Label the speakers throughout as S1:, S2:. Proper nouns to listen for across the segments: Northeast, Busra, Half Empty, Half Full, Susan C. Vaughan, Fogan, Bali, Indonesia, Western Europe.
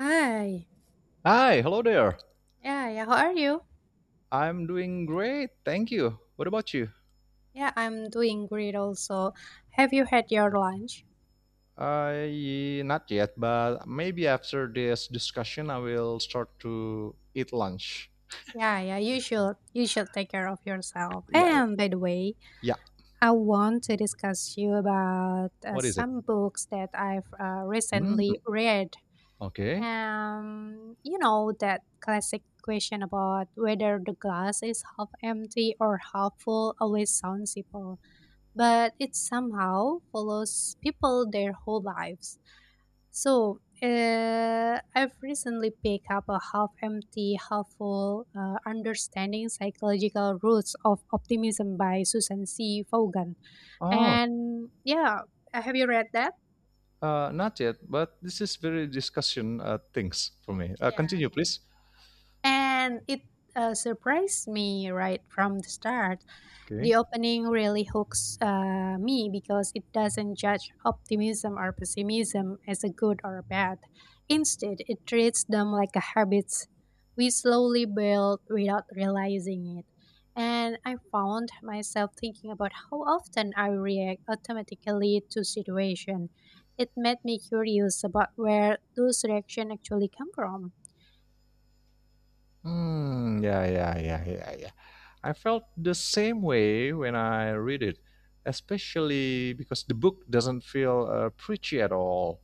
S1: Hi.
S2: Hi, hello there.
S1: Yeah, yeah. How are you?
S2: I'm doing great, thank you. What about you?
S1: Yeah, I'm doing great also. Have you had your lunch?
S2: I not yet, but maybe after this discussion, I will start to eat lunch.
S1: Yeah, yeah. You should. You should take care of yourself.
S2: Yeah,
S1: And by the way,
S2: yeah.
S1: I want to discuss you about
S2: What is it?
S1: some books that I've recently
S2: Mm,
S1: read.
S2: okay.
S1: You know that classic question about whether the glass is half empty or half full always sounds simple, but it somehow follows people their whole lives. So I've recently picked up a half empty, half full understanding psychological roots of optimism by Susan C. Vaughan.
S2: Oh,
S1: And yeah, have you read that?
S2: not yet, but this is very discussion things for me.
S1: Yeah.
S2: Continue, please.
S1: And it surprised me right from the start. The
S2: Okay.
S1: opening really hooks me because it doesn't judge optimism or pessimism as a good or a bad. Instead, it treats them like a habits we slowly build without realizing it. And I found myself thinking about how often I react automatically to situation. It made me curious about where those reactions actually come from.
S2: Hmm. Yeah, yeah, yeah, yeah, yeah. I felt the same way when I read it, especially because the book doesn't feel preachy at all.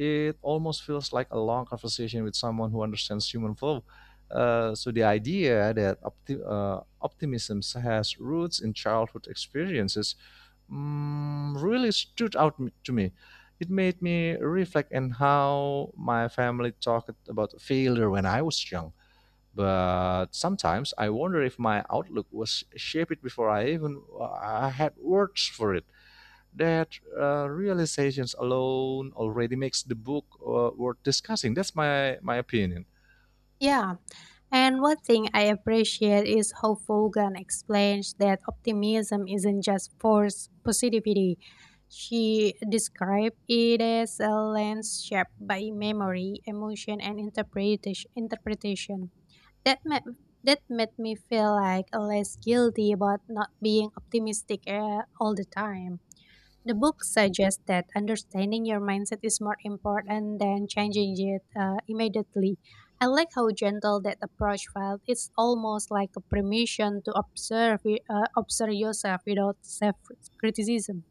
S2: It almost feels like a long conversation with someone who understands human flow. So the idea that optimism has roots in childhood experiences really stood out to me. It made me reflect on how my family talked about failure when I was young. But sometimes I wonder if my outlook was shaped before I even I had words for it, that realizations alone already makes the book worth discussing. That's my opinion.
S1: Yeah, and one thing I appreciate is how Fogan explains that optimism isn't just forced positivity. She described it as a lens shaped by memory, emotion, and interpretation. That, ma- that made me feel like less guilty about not being optimistic all the time. The book suggests that understanding your mindset is more important than changing it immediately. I like how gentle that approach felt. It's almost like a permission to observe, observe yourself without self criticism.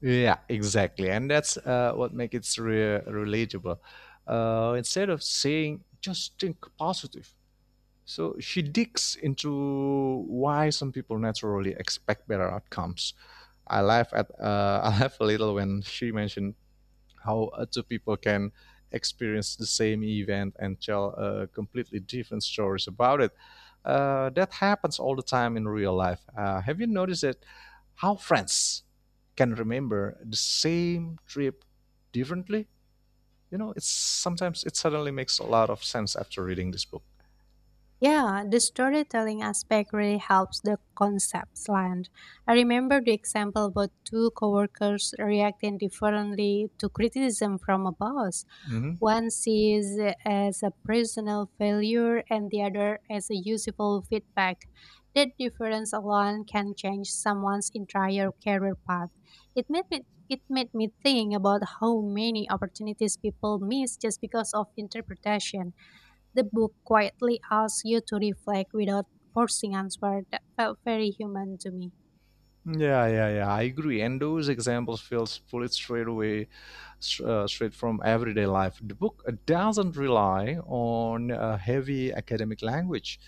S2: Yeah, exactly, and that's what makes it relatable. Instead of saying just think positive, so she digs into why some people naturally expect better outcomes. I laugh at I laugh a little when she mentioned how two people can experience the same event and tell completely different stories about it. That happens all the time in real life. Have you noticed that, how friends can remember the same trip differently? You know, it's sometimes it suddenly makes a lot of sense after reading this book.
S1: Yeah, the storytelling aspect really helps the concepts land. I remember the example about two coworkers reacting differently to criticism from a boss.
S2: Mm-hmm.
S1: One sees it as a personal failure and the other as a useful feedback. That difference alone can change someone's entire career path. It made me it made me think about how many opportunities people miss just because of interpretation. The book quietly asks you to reflect without forcing answer that felt very human to me.
S2: Yeah, yeah, yeah. I agree. And those examples feel pulled straight away, straight from everyday life. The book doesn't rely on heavy academic language,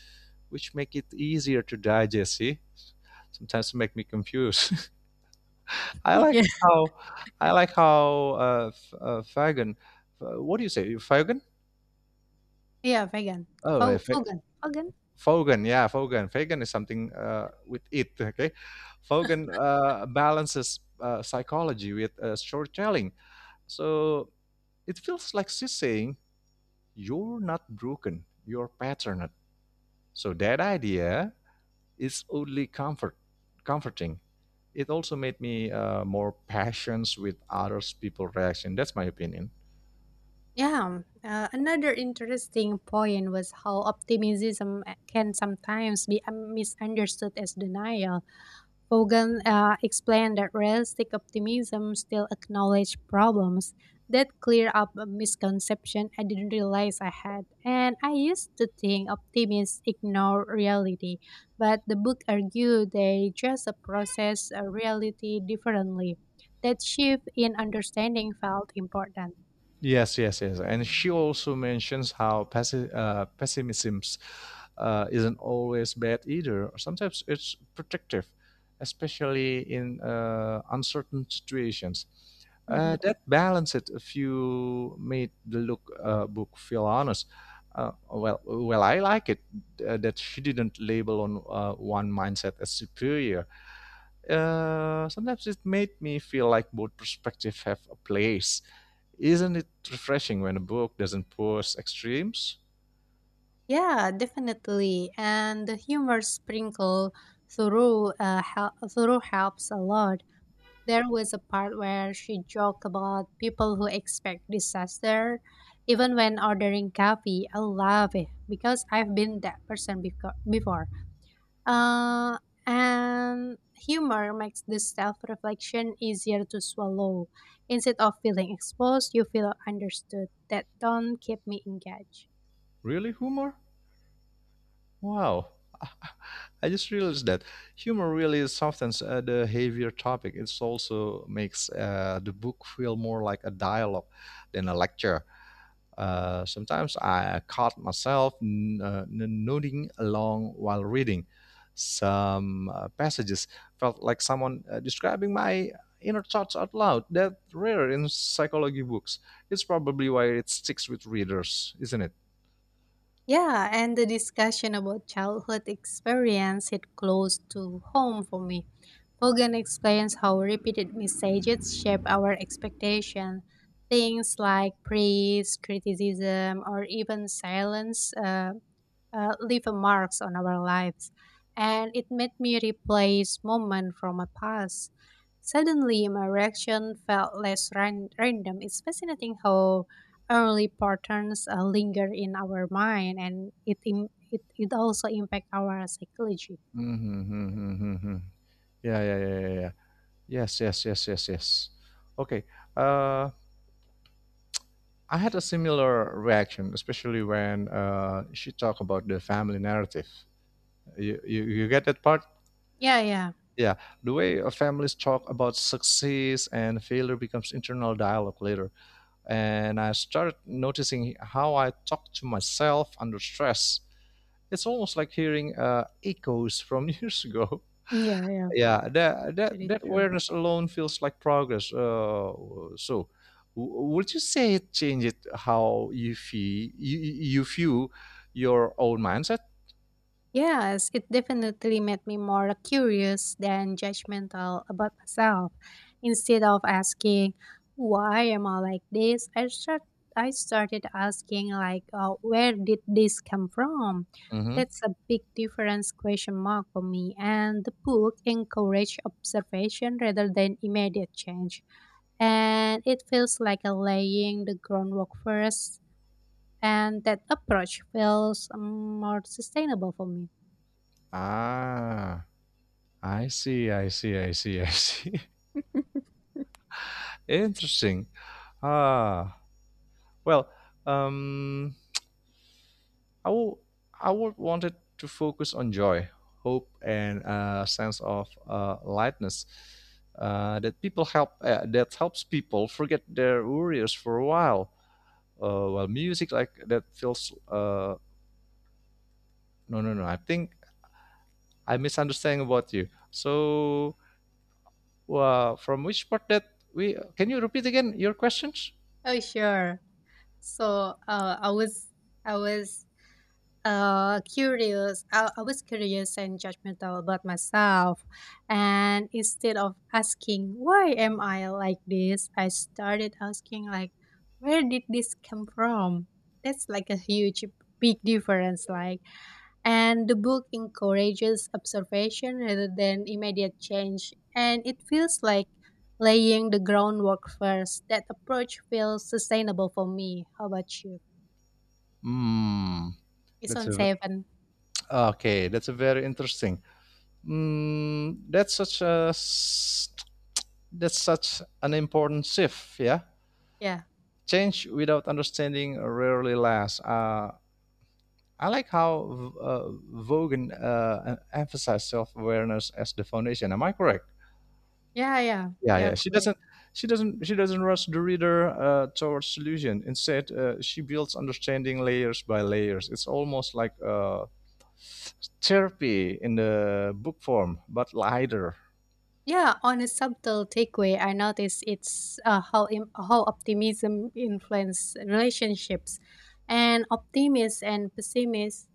S2: which make it easier to digest. See, sometimes it make me confused. I like
S1: Yeah,
S2: how, I like how Fagan. What do you say, Fagan?
S1: yeah, vegan.
S2: Oh, yeah,
S1: Fo- Fogan. Fogan.
S2: Fogan, yeah, Fogan. Fagan is something with it, okay? Fogan balances psychology with storytelling. So it feels like she's saying, you're not broken, you're patterned. So that idea, it's only comfort comforting. It also made me more patient with others people reaction. That's my opinion.
S1: Yeah. Another interesting point was how optimism can sometimes be misunderstood as denial. Fogan explained that realistic optimism still acknowledged problems that cleared up a misconception I didn't realize I had. And I used to think optimists ignore reality, but the book argued they just process reality differently. That shift in understanding felt important.
S2: Yes, yes, yes. And she also mentions how pessimism isn't always bad either. Sometimes it's protective, especially in uncertain situations.
S1: Mhm.
S2: That balance it if you made the look book feel honest. I like it that she didn't label on one mindset as superior. Sometimes it made me feel like both perspectives have a place. Isn't it refreshing when a book doesn't push extremes?
S1: Yeah, definitely. And the humor sprinkle through helps a lot. There was a part where she joked about people who expect disaster even when ordering coffee. I love it because I've been that person before. Uh, and humor makes this self reflection easier to swallow. Instead of feeling exposed, you feel understood. That don't keep me engaged.
S2: Really, humor? Wow. I just realized that humor really softens the heavier topic. It also makes the book feel more like a dialogue than a lecture. Sometimes I caught myself nodding along while reading. Some passages felt like someone describing my inner thoughts out loud. That rare in psychology books. It's probably why it sticks with readers, isn't it?
S1: Yeah, and the discussion about childhood experience hit close to home for me. Hogan explains how repeated messages shape our expectation. Things like praise, criticism, or even silence leave a marks on our lives, and it made me replace moment from my past. Suddenly, my reaction felt less random. It's fascinating how early patterns linger in our mind, and it it also impact our psychology.
S2: Mm-hmm, mm-hmm, mm-hmm, mm-hmm. Yeah, yeah, yeah, yeah, yeah. Yes, yes, yes, yes, yes. Okay. Uh, I had a similar reaction, especially when she talked about the family narrative. You get that part?
S1: Yeah, yeah,
S2: Yeah, the way families talk about success and failure becomes internal dialogue later. And I started noticing how I talk to myself under stress. It's almost like hearing echoes from years ago.
S1: yeah, yeah.
S2: Yeah, that, that,
S1: Very
S2: that
S1: true.
S2: awareness alone feels like progress. So, would you say it changed how you view your own mindset?
S1: Yes, it definitely made me more curious than judgmental about myself. Instead of asking, why am I like this? I started asking like, where did this come from?
S2: Mm-hmm.
S1: That's a big difference question mark for me. And the book encouraged observation rather than immediate change. And it feels like a laying the groundwork first. And that approach feels more sustainable for me.
S2: Ah, I see. Interesting. Ah, well, um, I will, I would wanted to focus on joy, hope, and a sense of lightness that helps people forget their worries for a while. Music like that feels. No, no, no. I think I misunderstand about you. So, from which part that we can you repeat again your questions?
S1: Oh, sure. So, I was curious. I was curious and judgmental about myself, and instead of asking why am I like this, I started asking like, where did this come from? That's like a huge, big difference. Like, and the book encourages observation rather than immediate change. And it feels like laying the groundwork first. That approach feels sustainable for me. How about you?
S2: Hmm,
S1: It's
S2: that's
S1: on
S2: a
S1: seven.
S2: okay, that's a very interesting. Mm, that's such an important shift. Yeah,
S1: Yeah.
S2: change without understanding rarely lasts. I like how Vogan emphasized self-awareness as the foundation. Am I correct?
S1: Yeah, yeah.
S2: Yeah,
S1: They are
S2: yeah.
S1: correct.
S2: She doesn't rush the reader towards solution. Instead, she builds understanding layers by layers. It's almost like therapy in the book form, but lighter.
S1: Yeah, on a subtle takeaway, I notice it's how optimism influences relationships, and optimists and pessimists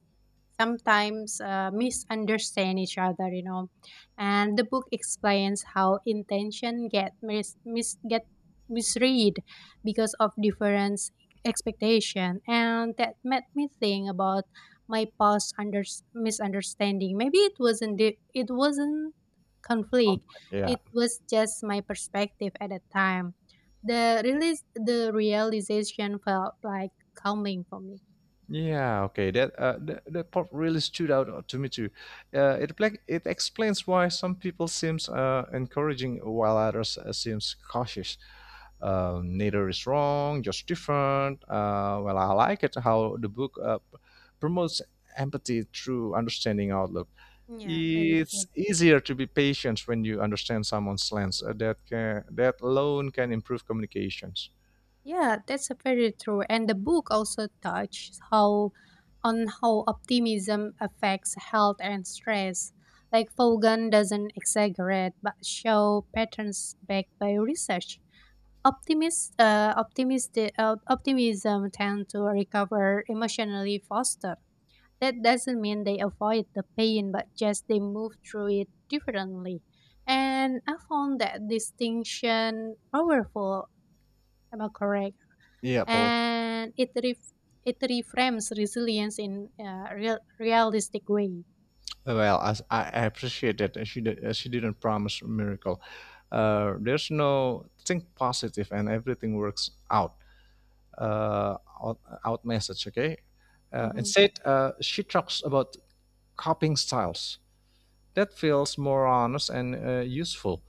S1: sometimes misunderstand each other, and the book explains how intention get misread because of difference expectation. And that made me think about my past under misunderstanding. Maybe it wasn't conflict,
S2: Compact. Yeah.
S1: it was just my perspective at that time. The release the realization felt like calming for me.
S2: Yeah, okay. That part really stood out to me too. It explains why some people seems encouraging while others seems cautious. Neither is wrong, just different. I like it how the book promotes empathy through understanding outlook.
S1: Yeah, very true.
S2: It's easier to be patient when you understand someone's lens. That alone can improve communications.
S1: Yeah, that's a very true. And the book also touches how on how optimism affects health and stress. Like Fogan doesn't exaggerate but show patterns backed by research. Optimism tend to recover emotionally faster. That doesn't mean they avoid the pain, but just they move through it differently. And I found that distinction powerful. Am I correct?
S2: Yeah, for
S1: And it ref- it reframes resilience in a realistic way.
S2: well, I appreciate that. She didn't promise a miracle. There's no think positive and everything works out. Uh, out, Out message, okay?
S1: Mhm.
S2: Instead, she talks about coping styles that feels more honest and useful.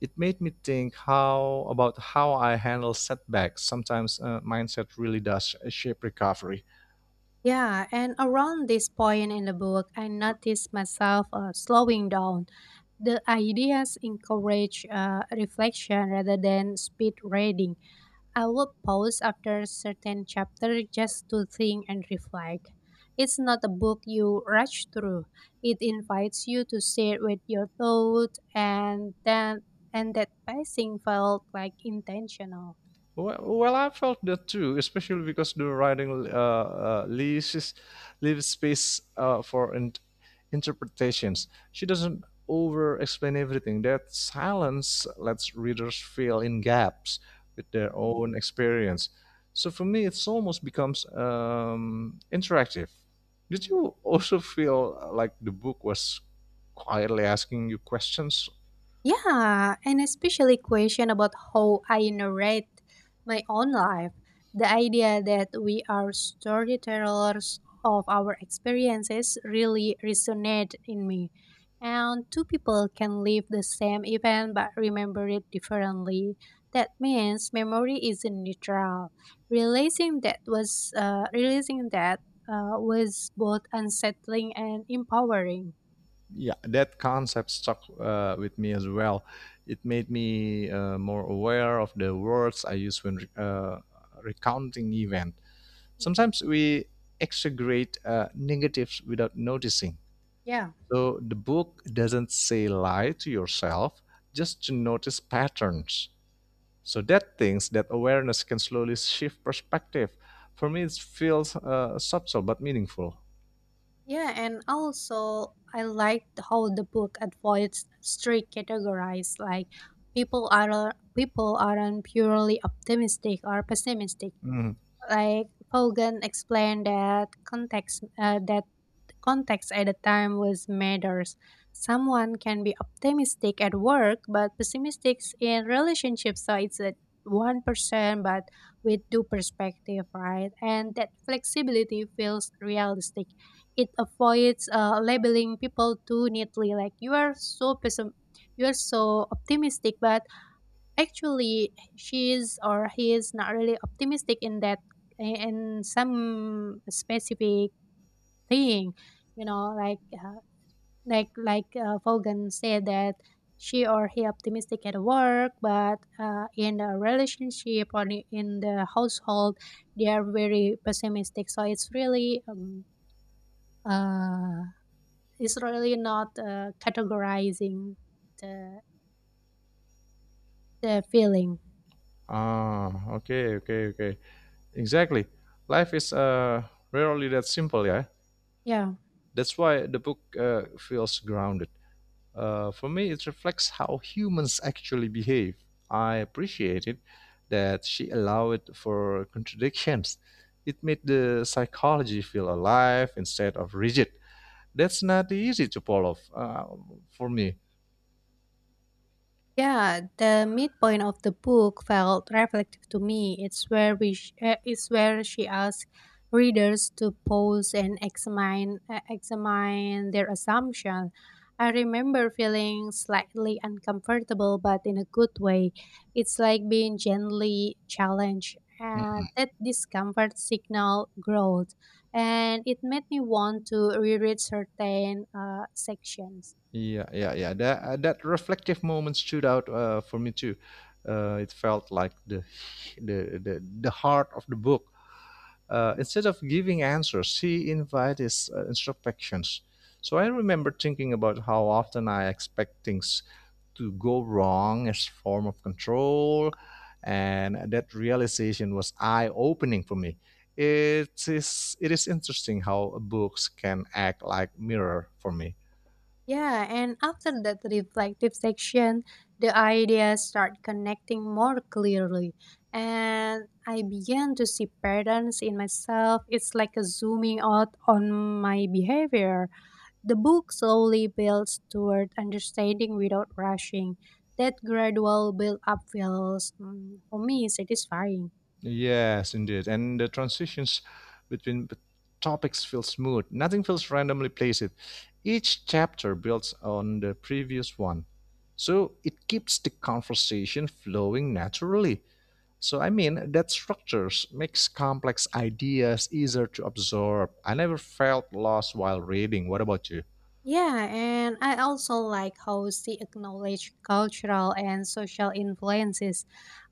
S2: It made me think how about how I handle setbacks. Sometimes mindset really does shape recovery.
S1: Yeah, and around this point in the book, I noticed myself slowing down. The ideas encourage reflection rather than speed reading. I will pause after a certain chapter just to think and reflect. It's not a book you rush through. It invites you to sit with your thought, and that pacing felt like intentional.
S2: Well, well, I felt that too, especially because the writing leaves leaves space interpretations. She doesn't over-explain everything. That silence lets readers fill in gaps with their
S1: Mhm,
S2: own experience. So for me, it's almost becomes interactive. Did
S1: mhm.
S2: you also feel like the book was quietly asking you questions?
S1: Yeah, and especially question about how I narrate my own life. The idea that we are storytellers of our experiences really resonate in me. And two people can live the same event but remember it differently. That means memory isn't neutral. Realizing that was both unsettling and empowering.
S2: Yeah, that concept stuck with me as well. It made me more aware of the words I use when recounting event.
S1: Mhm.
S2: Sometimes we exaggerate negatives without noticing.
S1: Yeah.
S2: So the book doesn't say lie to yourself, just to notice patterns, so that things that awareness can slowly shift perspective. For me it feels subtle but meaningful.
S1: Yeah, and also I liked how the book avoids strict categories, like people aren't purely optimistic or pessimistic.
S2: Mm.
S1: Like Hogan explained that context at the time was matters. Someone can be optimistic at work but pessimistic in relationships, so it's a 1% but with due perspective, right? And that flexibility feels realistic. It avoids labeling people too neatly, like you are so optimistic, but actually she is or he is not really optimistic in that, in some specific thing, you know, like Vaughan said that she or he optimistic at work but in the relationship or in the household, they are very pessimistic, so uh, it's really not categorizing the feeling.
S2: Ah, okay. Exactly. Life is rarely that simple, yeah.
S1: Yeah.
S2: That's why the book feels grounded. For me, it reflects how humans actually behave. I appreciated that she allowed for contradictions. It made the psychology feel alive instead of rigid. That's not easy to pull off for me.
S1: Yeah, the midpoint of the book felt reflective to me. It's where she asks readers to pause and examine examine their assumption. I remember feeling slightly uncomfortable, but in a good way. It's like being gently challenged. That discomfort signal growth, and it made me want to reread certain sections.
S2: Yeah, yeah, yeah. That reflective moment stood out for me too. It felt like the heart of the book. Instead of giving answers, she invited introspections. So I remember thinking about how often I expect things to go wrong as form of control, and that realization was eye opening for me. It is interesting how books can act like mirror for me.
S1: Yeah, and after that reflective section, the ideas start connecting more clearly, and I began to see patterns in myself. It's like a zooming out on my behavior. The book slowly builds toward understanding without rushing. That gradual build up feels, for me, satisfying.
S2: Yes, indeed. And the transitions between the topics feel smooth. Nothing feels randomly placed. Each chapter builds on the previous one. So it keeps the conversation flowing naturally. So I mean that structures makes complex ideas easier to absorb. I never felt lost while reading. What about you?
S1: Yeah, and I also like how she acknowledged cultural and social influences.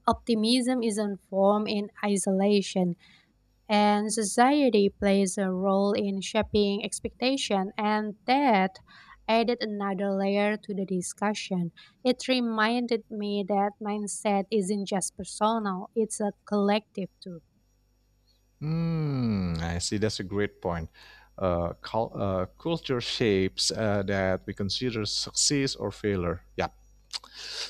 S1: Optimism isn't formed in isolation, and society plays a role in shaping expectation, and that added another layer to the discussion. It reminded me that mindset isn't just personal, it's a collective too.
S2: Mm, I see. That's a great point. Culture shapes that we consider success or failure. Yeah.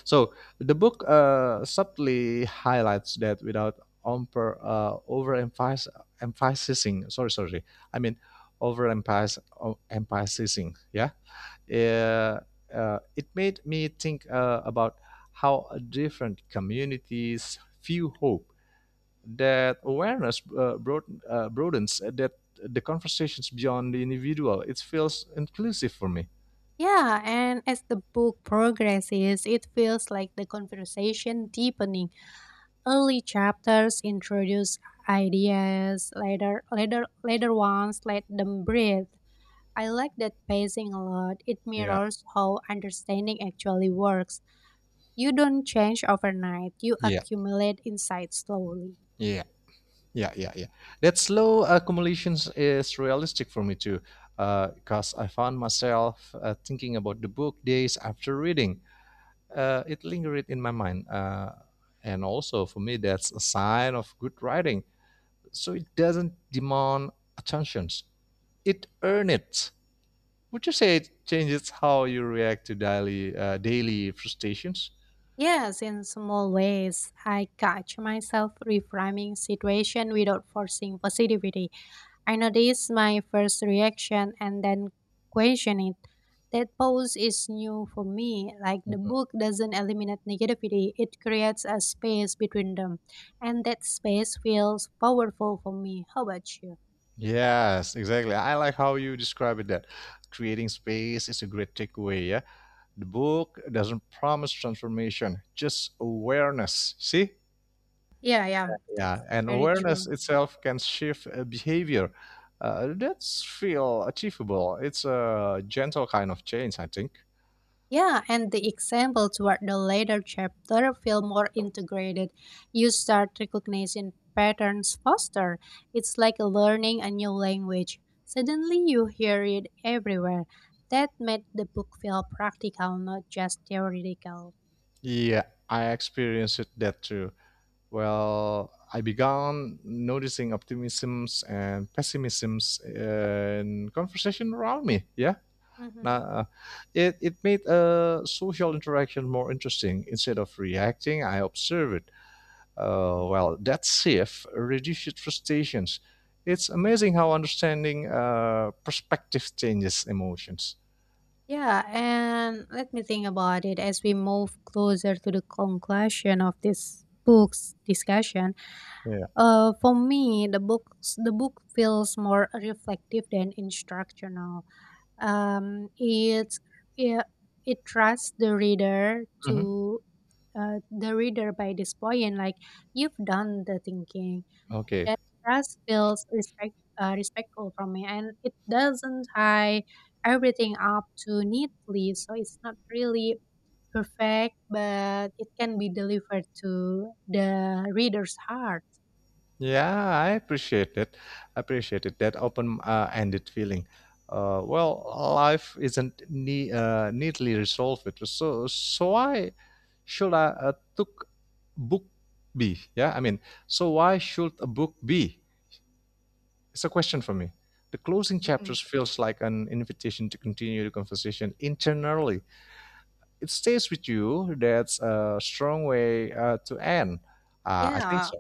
S2: So the book subtly highlights that without emphasizing, sorry, sorry, I mean emphasizing, yeah. Uh, it made me think about how different communities view hope. That awareness broadens that the conversations beyond the individual. It feels inclusive for me.
S1: Yeah, and as the book progresses, it feels like the conversation deepening. Early chapters introduce ideas, later ones let them breathe. I like that pacing a lot. It
S2: Yeah.
S1: mirrors how understanding actually works. You don't change overnight, you
S2: Yeah.
S1: accumulate insight slowly.
S2: Yeah. Yeah, yeah, yeah. That slow accumulation is realistic for me too, because I found myself thinking about the book days after reading. It lingered in my mind, and also for me, that's a sign of good writing. So it doesn't demand attentions; it earns it. Would you say it changes how you react to daily frustrations?
S1: Yes, in small ways, I catch myself reframing situation without forcing positivity. I notice my first reaction and then question it. That pause is new for me. Like the
S2: Mhm.
S1: book doesn't eliminate negativity, it creates a space between them, and that space feels powerful for me. How about you?
S2: Yes, exactly. I like how you describe it. That creating space is a great takeaway. Yeah, the book doesn't promise transformation, just awareness. See?
S1: Yeah, yeah,
S2: Yeah,
S1: that's
S2: and
S1: very
S2: awareness
S1: true.
S2: itself can shift behavior. That's feel achievable. It's a gentle kind of change, I think.
S1: Yeah, and the example toward the later chapter feel more integrated. You start recognizing patterns faster. It's like learning a new language. Suddenly you hear it everywhere. That made the book feel practical, not just theoretical.
S2: Yeah, I experienced it that too. Well, I began noticing optimisms and pessimisms in conversation around me. Yeah,
S1: Hmm.
S2: now, it made a social interaction more interesting. Instead of reacting, I observed it. That shift reduces frustrations. It's amazing how understanding perspective changes emotions.
S1: Yeah, and let me think about it as we move closer to the conclusion of this book's discussion.
S2: Yeah.
S1: For me, the book feels more reflective than instructional. Um, it's it, it trusts the reader
S2: Mhm.
S1: to the reader by this point, like you've done the thinking.
S2: Okay.
S1: That trust feels respectful from me, and it doesn't tie everything up too neatly, so it's not really perfect, but it can be delivered to the reader's heart.
S2: Yeah, I appreciate it. That open-ended feeling. Uh, well, Life isn't neatly resolved. It was so so why should I took book be? Yeah, I mean, so why should a book be? It's a question for me. The closing chapters feels like an invitation to continue the conversation internally. It stays with you. That's a strong way to end. I think
S1: Yeah,
S2: so.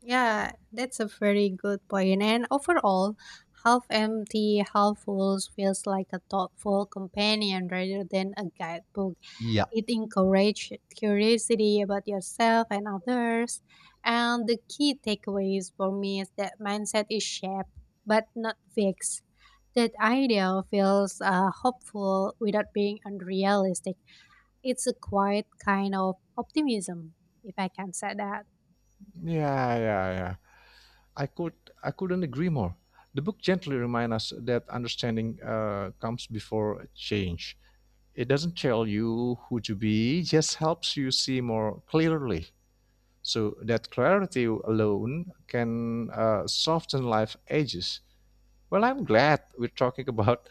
S1: yeah, that's a very good point. And overall, half empty, half full feels like a thoughtful companion rather than a guidebook.
S2: Yeah.
S1: It encourages curiosity about yourself and others. And the key takeaways for me is that mindset is shaped but not fixed. That idea feels hopeful without being unrealistic. It's a quiet kind of optimism, if I can say that.
S2: Yeah, yeah, yeah. I could, I couldn't agree more. The book gently reminds us that understanding comes before change. It doesn't tell you who to be, just helps you see more clearly. So that clarity alone can soften life edges. Well, I'm glad we're talking about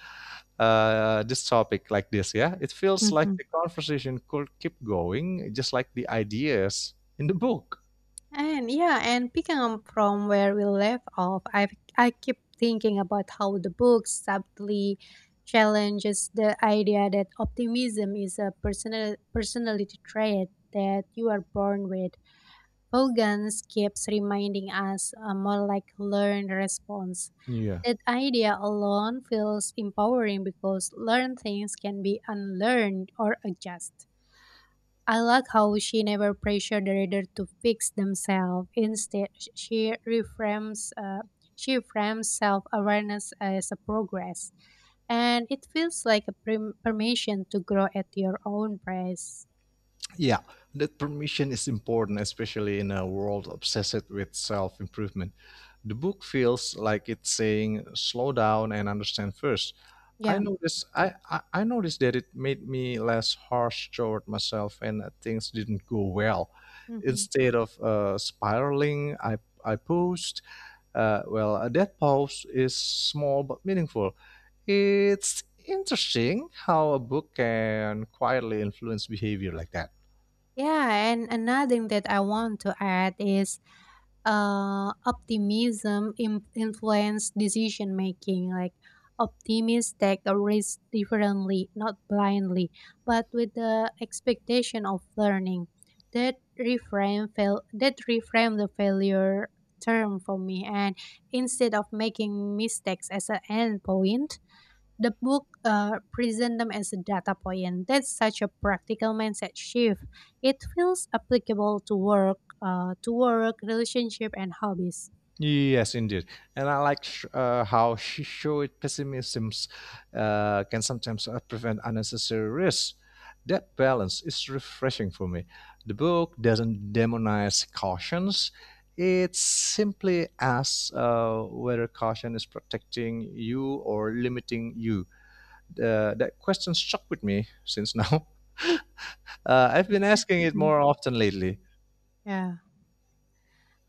S2: this topic like this. Yeah, it feels like the conversation could keep going, just like the ideas in the book.
S1: And yeah, and picking up from where we left off, I keep thinking about how the book subtly challenges the idea that optimism is a personality trait that you are born with. Vogans keeps reminding us more like learned response.
S2: Yeah.
S1: That idea alone feels empowering because learned things can be unlearned or adjusted. I like how she never pressured the reader to fix themselves. Instead, she reframes she frames self-awareness as a progress, and it feels like a permission to grow at your own pace.
S2: Yeah, that permission is important, especially in a world obsessed with self improvement. The book feels like it's saying, slow down and understand first. I
S1: Yeah.
S2: noticed, I, I, I noticed that it made me less harsh toward myself and that things didn't go well.
S1: Hmm.
S2: Instead of spiraling, I paused. Well, that pause is small but meaningful. It's interesting how a book can quietly influence behavior like that.
S1: Yeah, and another thing that I want to add is optimism influence decision making. Like optimists take a risk differently, not blindly, but with the expectation of learning. That reframe the failure term for me, and instead of making mistakes as an end point, the book presents them as a data point. That's such a practical mindset shift. It feels applicable to work, relationship, and hobbies.
S2: Yes, indeed. And I like how she showed pessimism can sometimes prevent unnecessary risks. That balance is refreshing for me. The book doesn't demonize cautions. It simply asks whether caution is protecting you or limiting you. That question stuck with me since now. I've been asking it
S1: Mm,
S2: more often lately.
S1: yeah.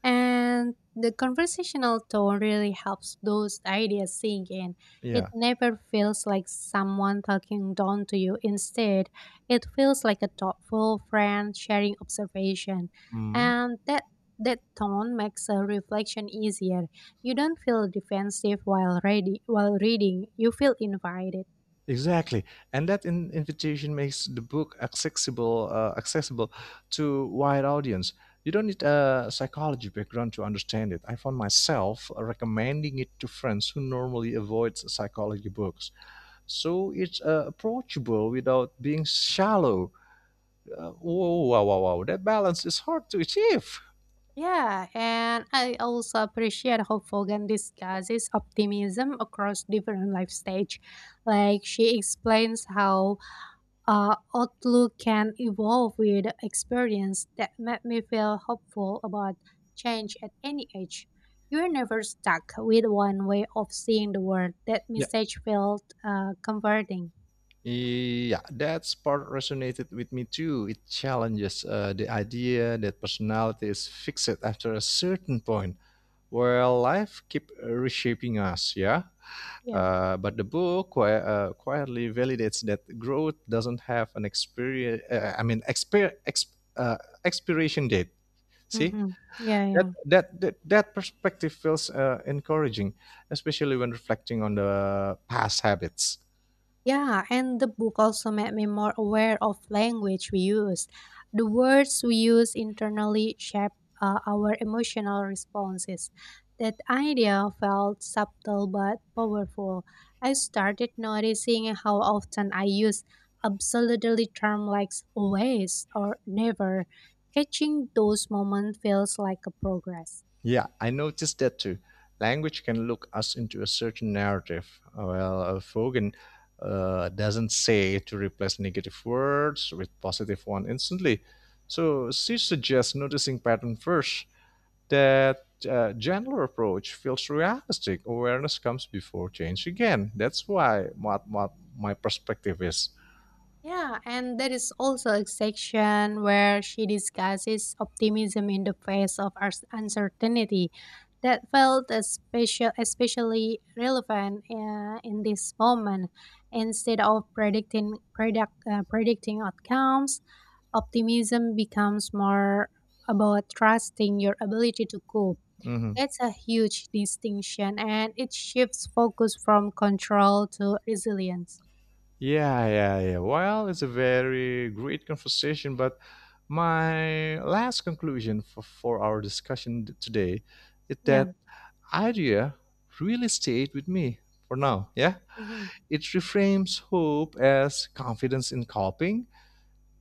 S1: And the conversational tone really helps those ideas sink in. It
S2: Yeah.
S1: never feels like someone talking down to you. Instead, it feels like a thoughtful friend sharing observation.
S2: Mm-hmm.
S1: And that tone makes a reflection easier. You don't feel defensive while reading. You feel invited.
S2: Exactly, and that invitation makes the book accessible to wide audience. You don't need a psychology background to understand it. I found myself recommending it to friends who normally avoid psychology books, so it's approachable without being shallow. Whoa, wow, wow, wow. That balance is hard to achieve.
S1: Yeah, and I also appreciate how Fogan discusses optimism across different life stage. Like she explains how outlook can evolve with experience that made me feel hopeful about change at any age. You're never stuck with one way of seeing the world. That message felt comforting.
S2: Yeah, that part resonated with me too. It challenges the idea that personality is fixed after a certain point, where life keep reshaping us. Yeah,
S1: Yeah.
S2: but the book quietly validates that growth doesn't have an experience. I mean, expiration date. See
S1: Mm-hmm. Yeah, yeah.
S2: that perspective feels encouraging, especially when reflecting on the past habits.
S1: Yeah, and the book also made me more aware of language we use. The words we use internally shape our emotional responses. That idea felt subtle but powerful. I started noticing how often I use absolutely terms like always or never. Catching those moments feels like a progress.
S2: Yeah, I noticed that too. Language can look us into a certain narrative. Well, Fogan doesn't say to replace negative words with positive one instantly. So she suggests noticing pattern first. That gentler approach feels realistic. Awareness comes before change again. That's why what my perspective is.
S1: Yeah, and there is also a section where she discusses optimism in the face of uncertainty. That felt especially relevant in this moment. Instead of predicting outcomes, optimism becomes more about trusting your ability to cope.
S2: Mhm.
S1: That's a huge distinction, and it shifts focus from control to resilience.
S2: Yeah, yeah, yeah. Well, it's a very great conversation, but my last conclusion for our discussion today is
S1: Yeah.
S2: that idea really stayed with me for now. Yeah,
S1: Mhm.
S2: it reframes hope as confidence in coping,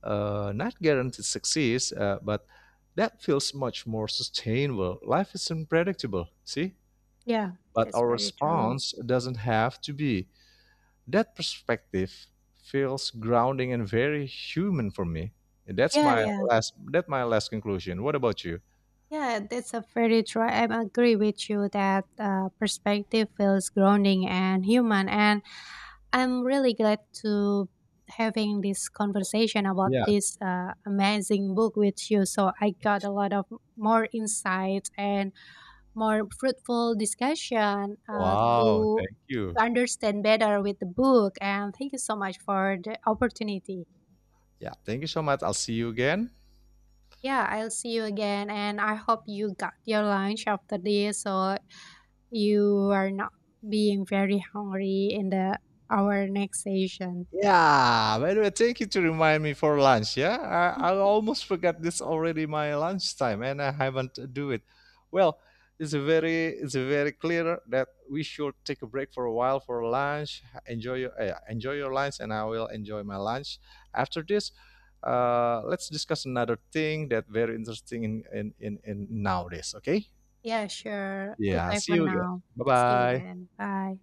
S2: not guaranteed success, but that feels much more sustainable. Life is unpredictable, see,
S1: Yeah,
S2: but
S1: that's
S2: our
S1: very true.
S2: response doesn't have to be. That perspective feels grounding and very human for me. That's
S1: Yeah,
S2: my
S1: yeah.
S2: last that's my last conclusion. What about you?
S1: Yeah, that's a very true. I agree with you that perspective feels grounding and human. And I'm really glad to having this conversation about
S2: Yeah.
S1: this amazing book with you. So I got a lot of more insights and more fruitful discussion
S2: Wow.
S1: to
S2: Thank you.
S1: to understand better with the book. And thank you so much for the opportunity.
S2: Yeah. Thank you so much. I'll see you again.
S1: Yeah, I'll see you again, and I hope you got your lunch after this, so you are not being very hungry in the our next session.
S2: Yeah, by the way, thank you to remind me for lunch. Yeah, I almost forgot this already my lunchtime, and I haven't do it. Well, it's a very clear that we should take a break for a while for lunch. Enjoy your lunch, and I will enjoy my lunch. After this, let's discuss another thing that very interesting in nowadays. Okay?
S1: Yeah, sure.
S2: Yeah.
S1: Goodbye
S2: See
S1: for
S2: you again.
S1: now.
S2: Bye
S1: See you
S2: bye.
S1: again. Bye.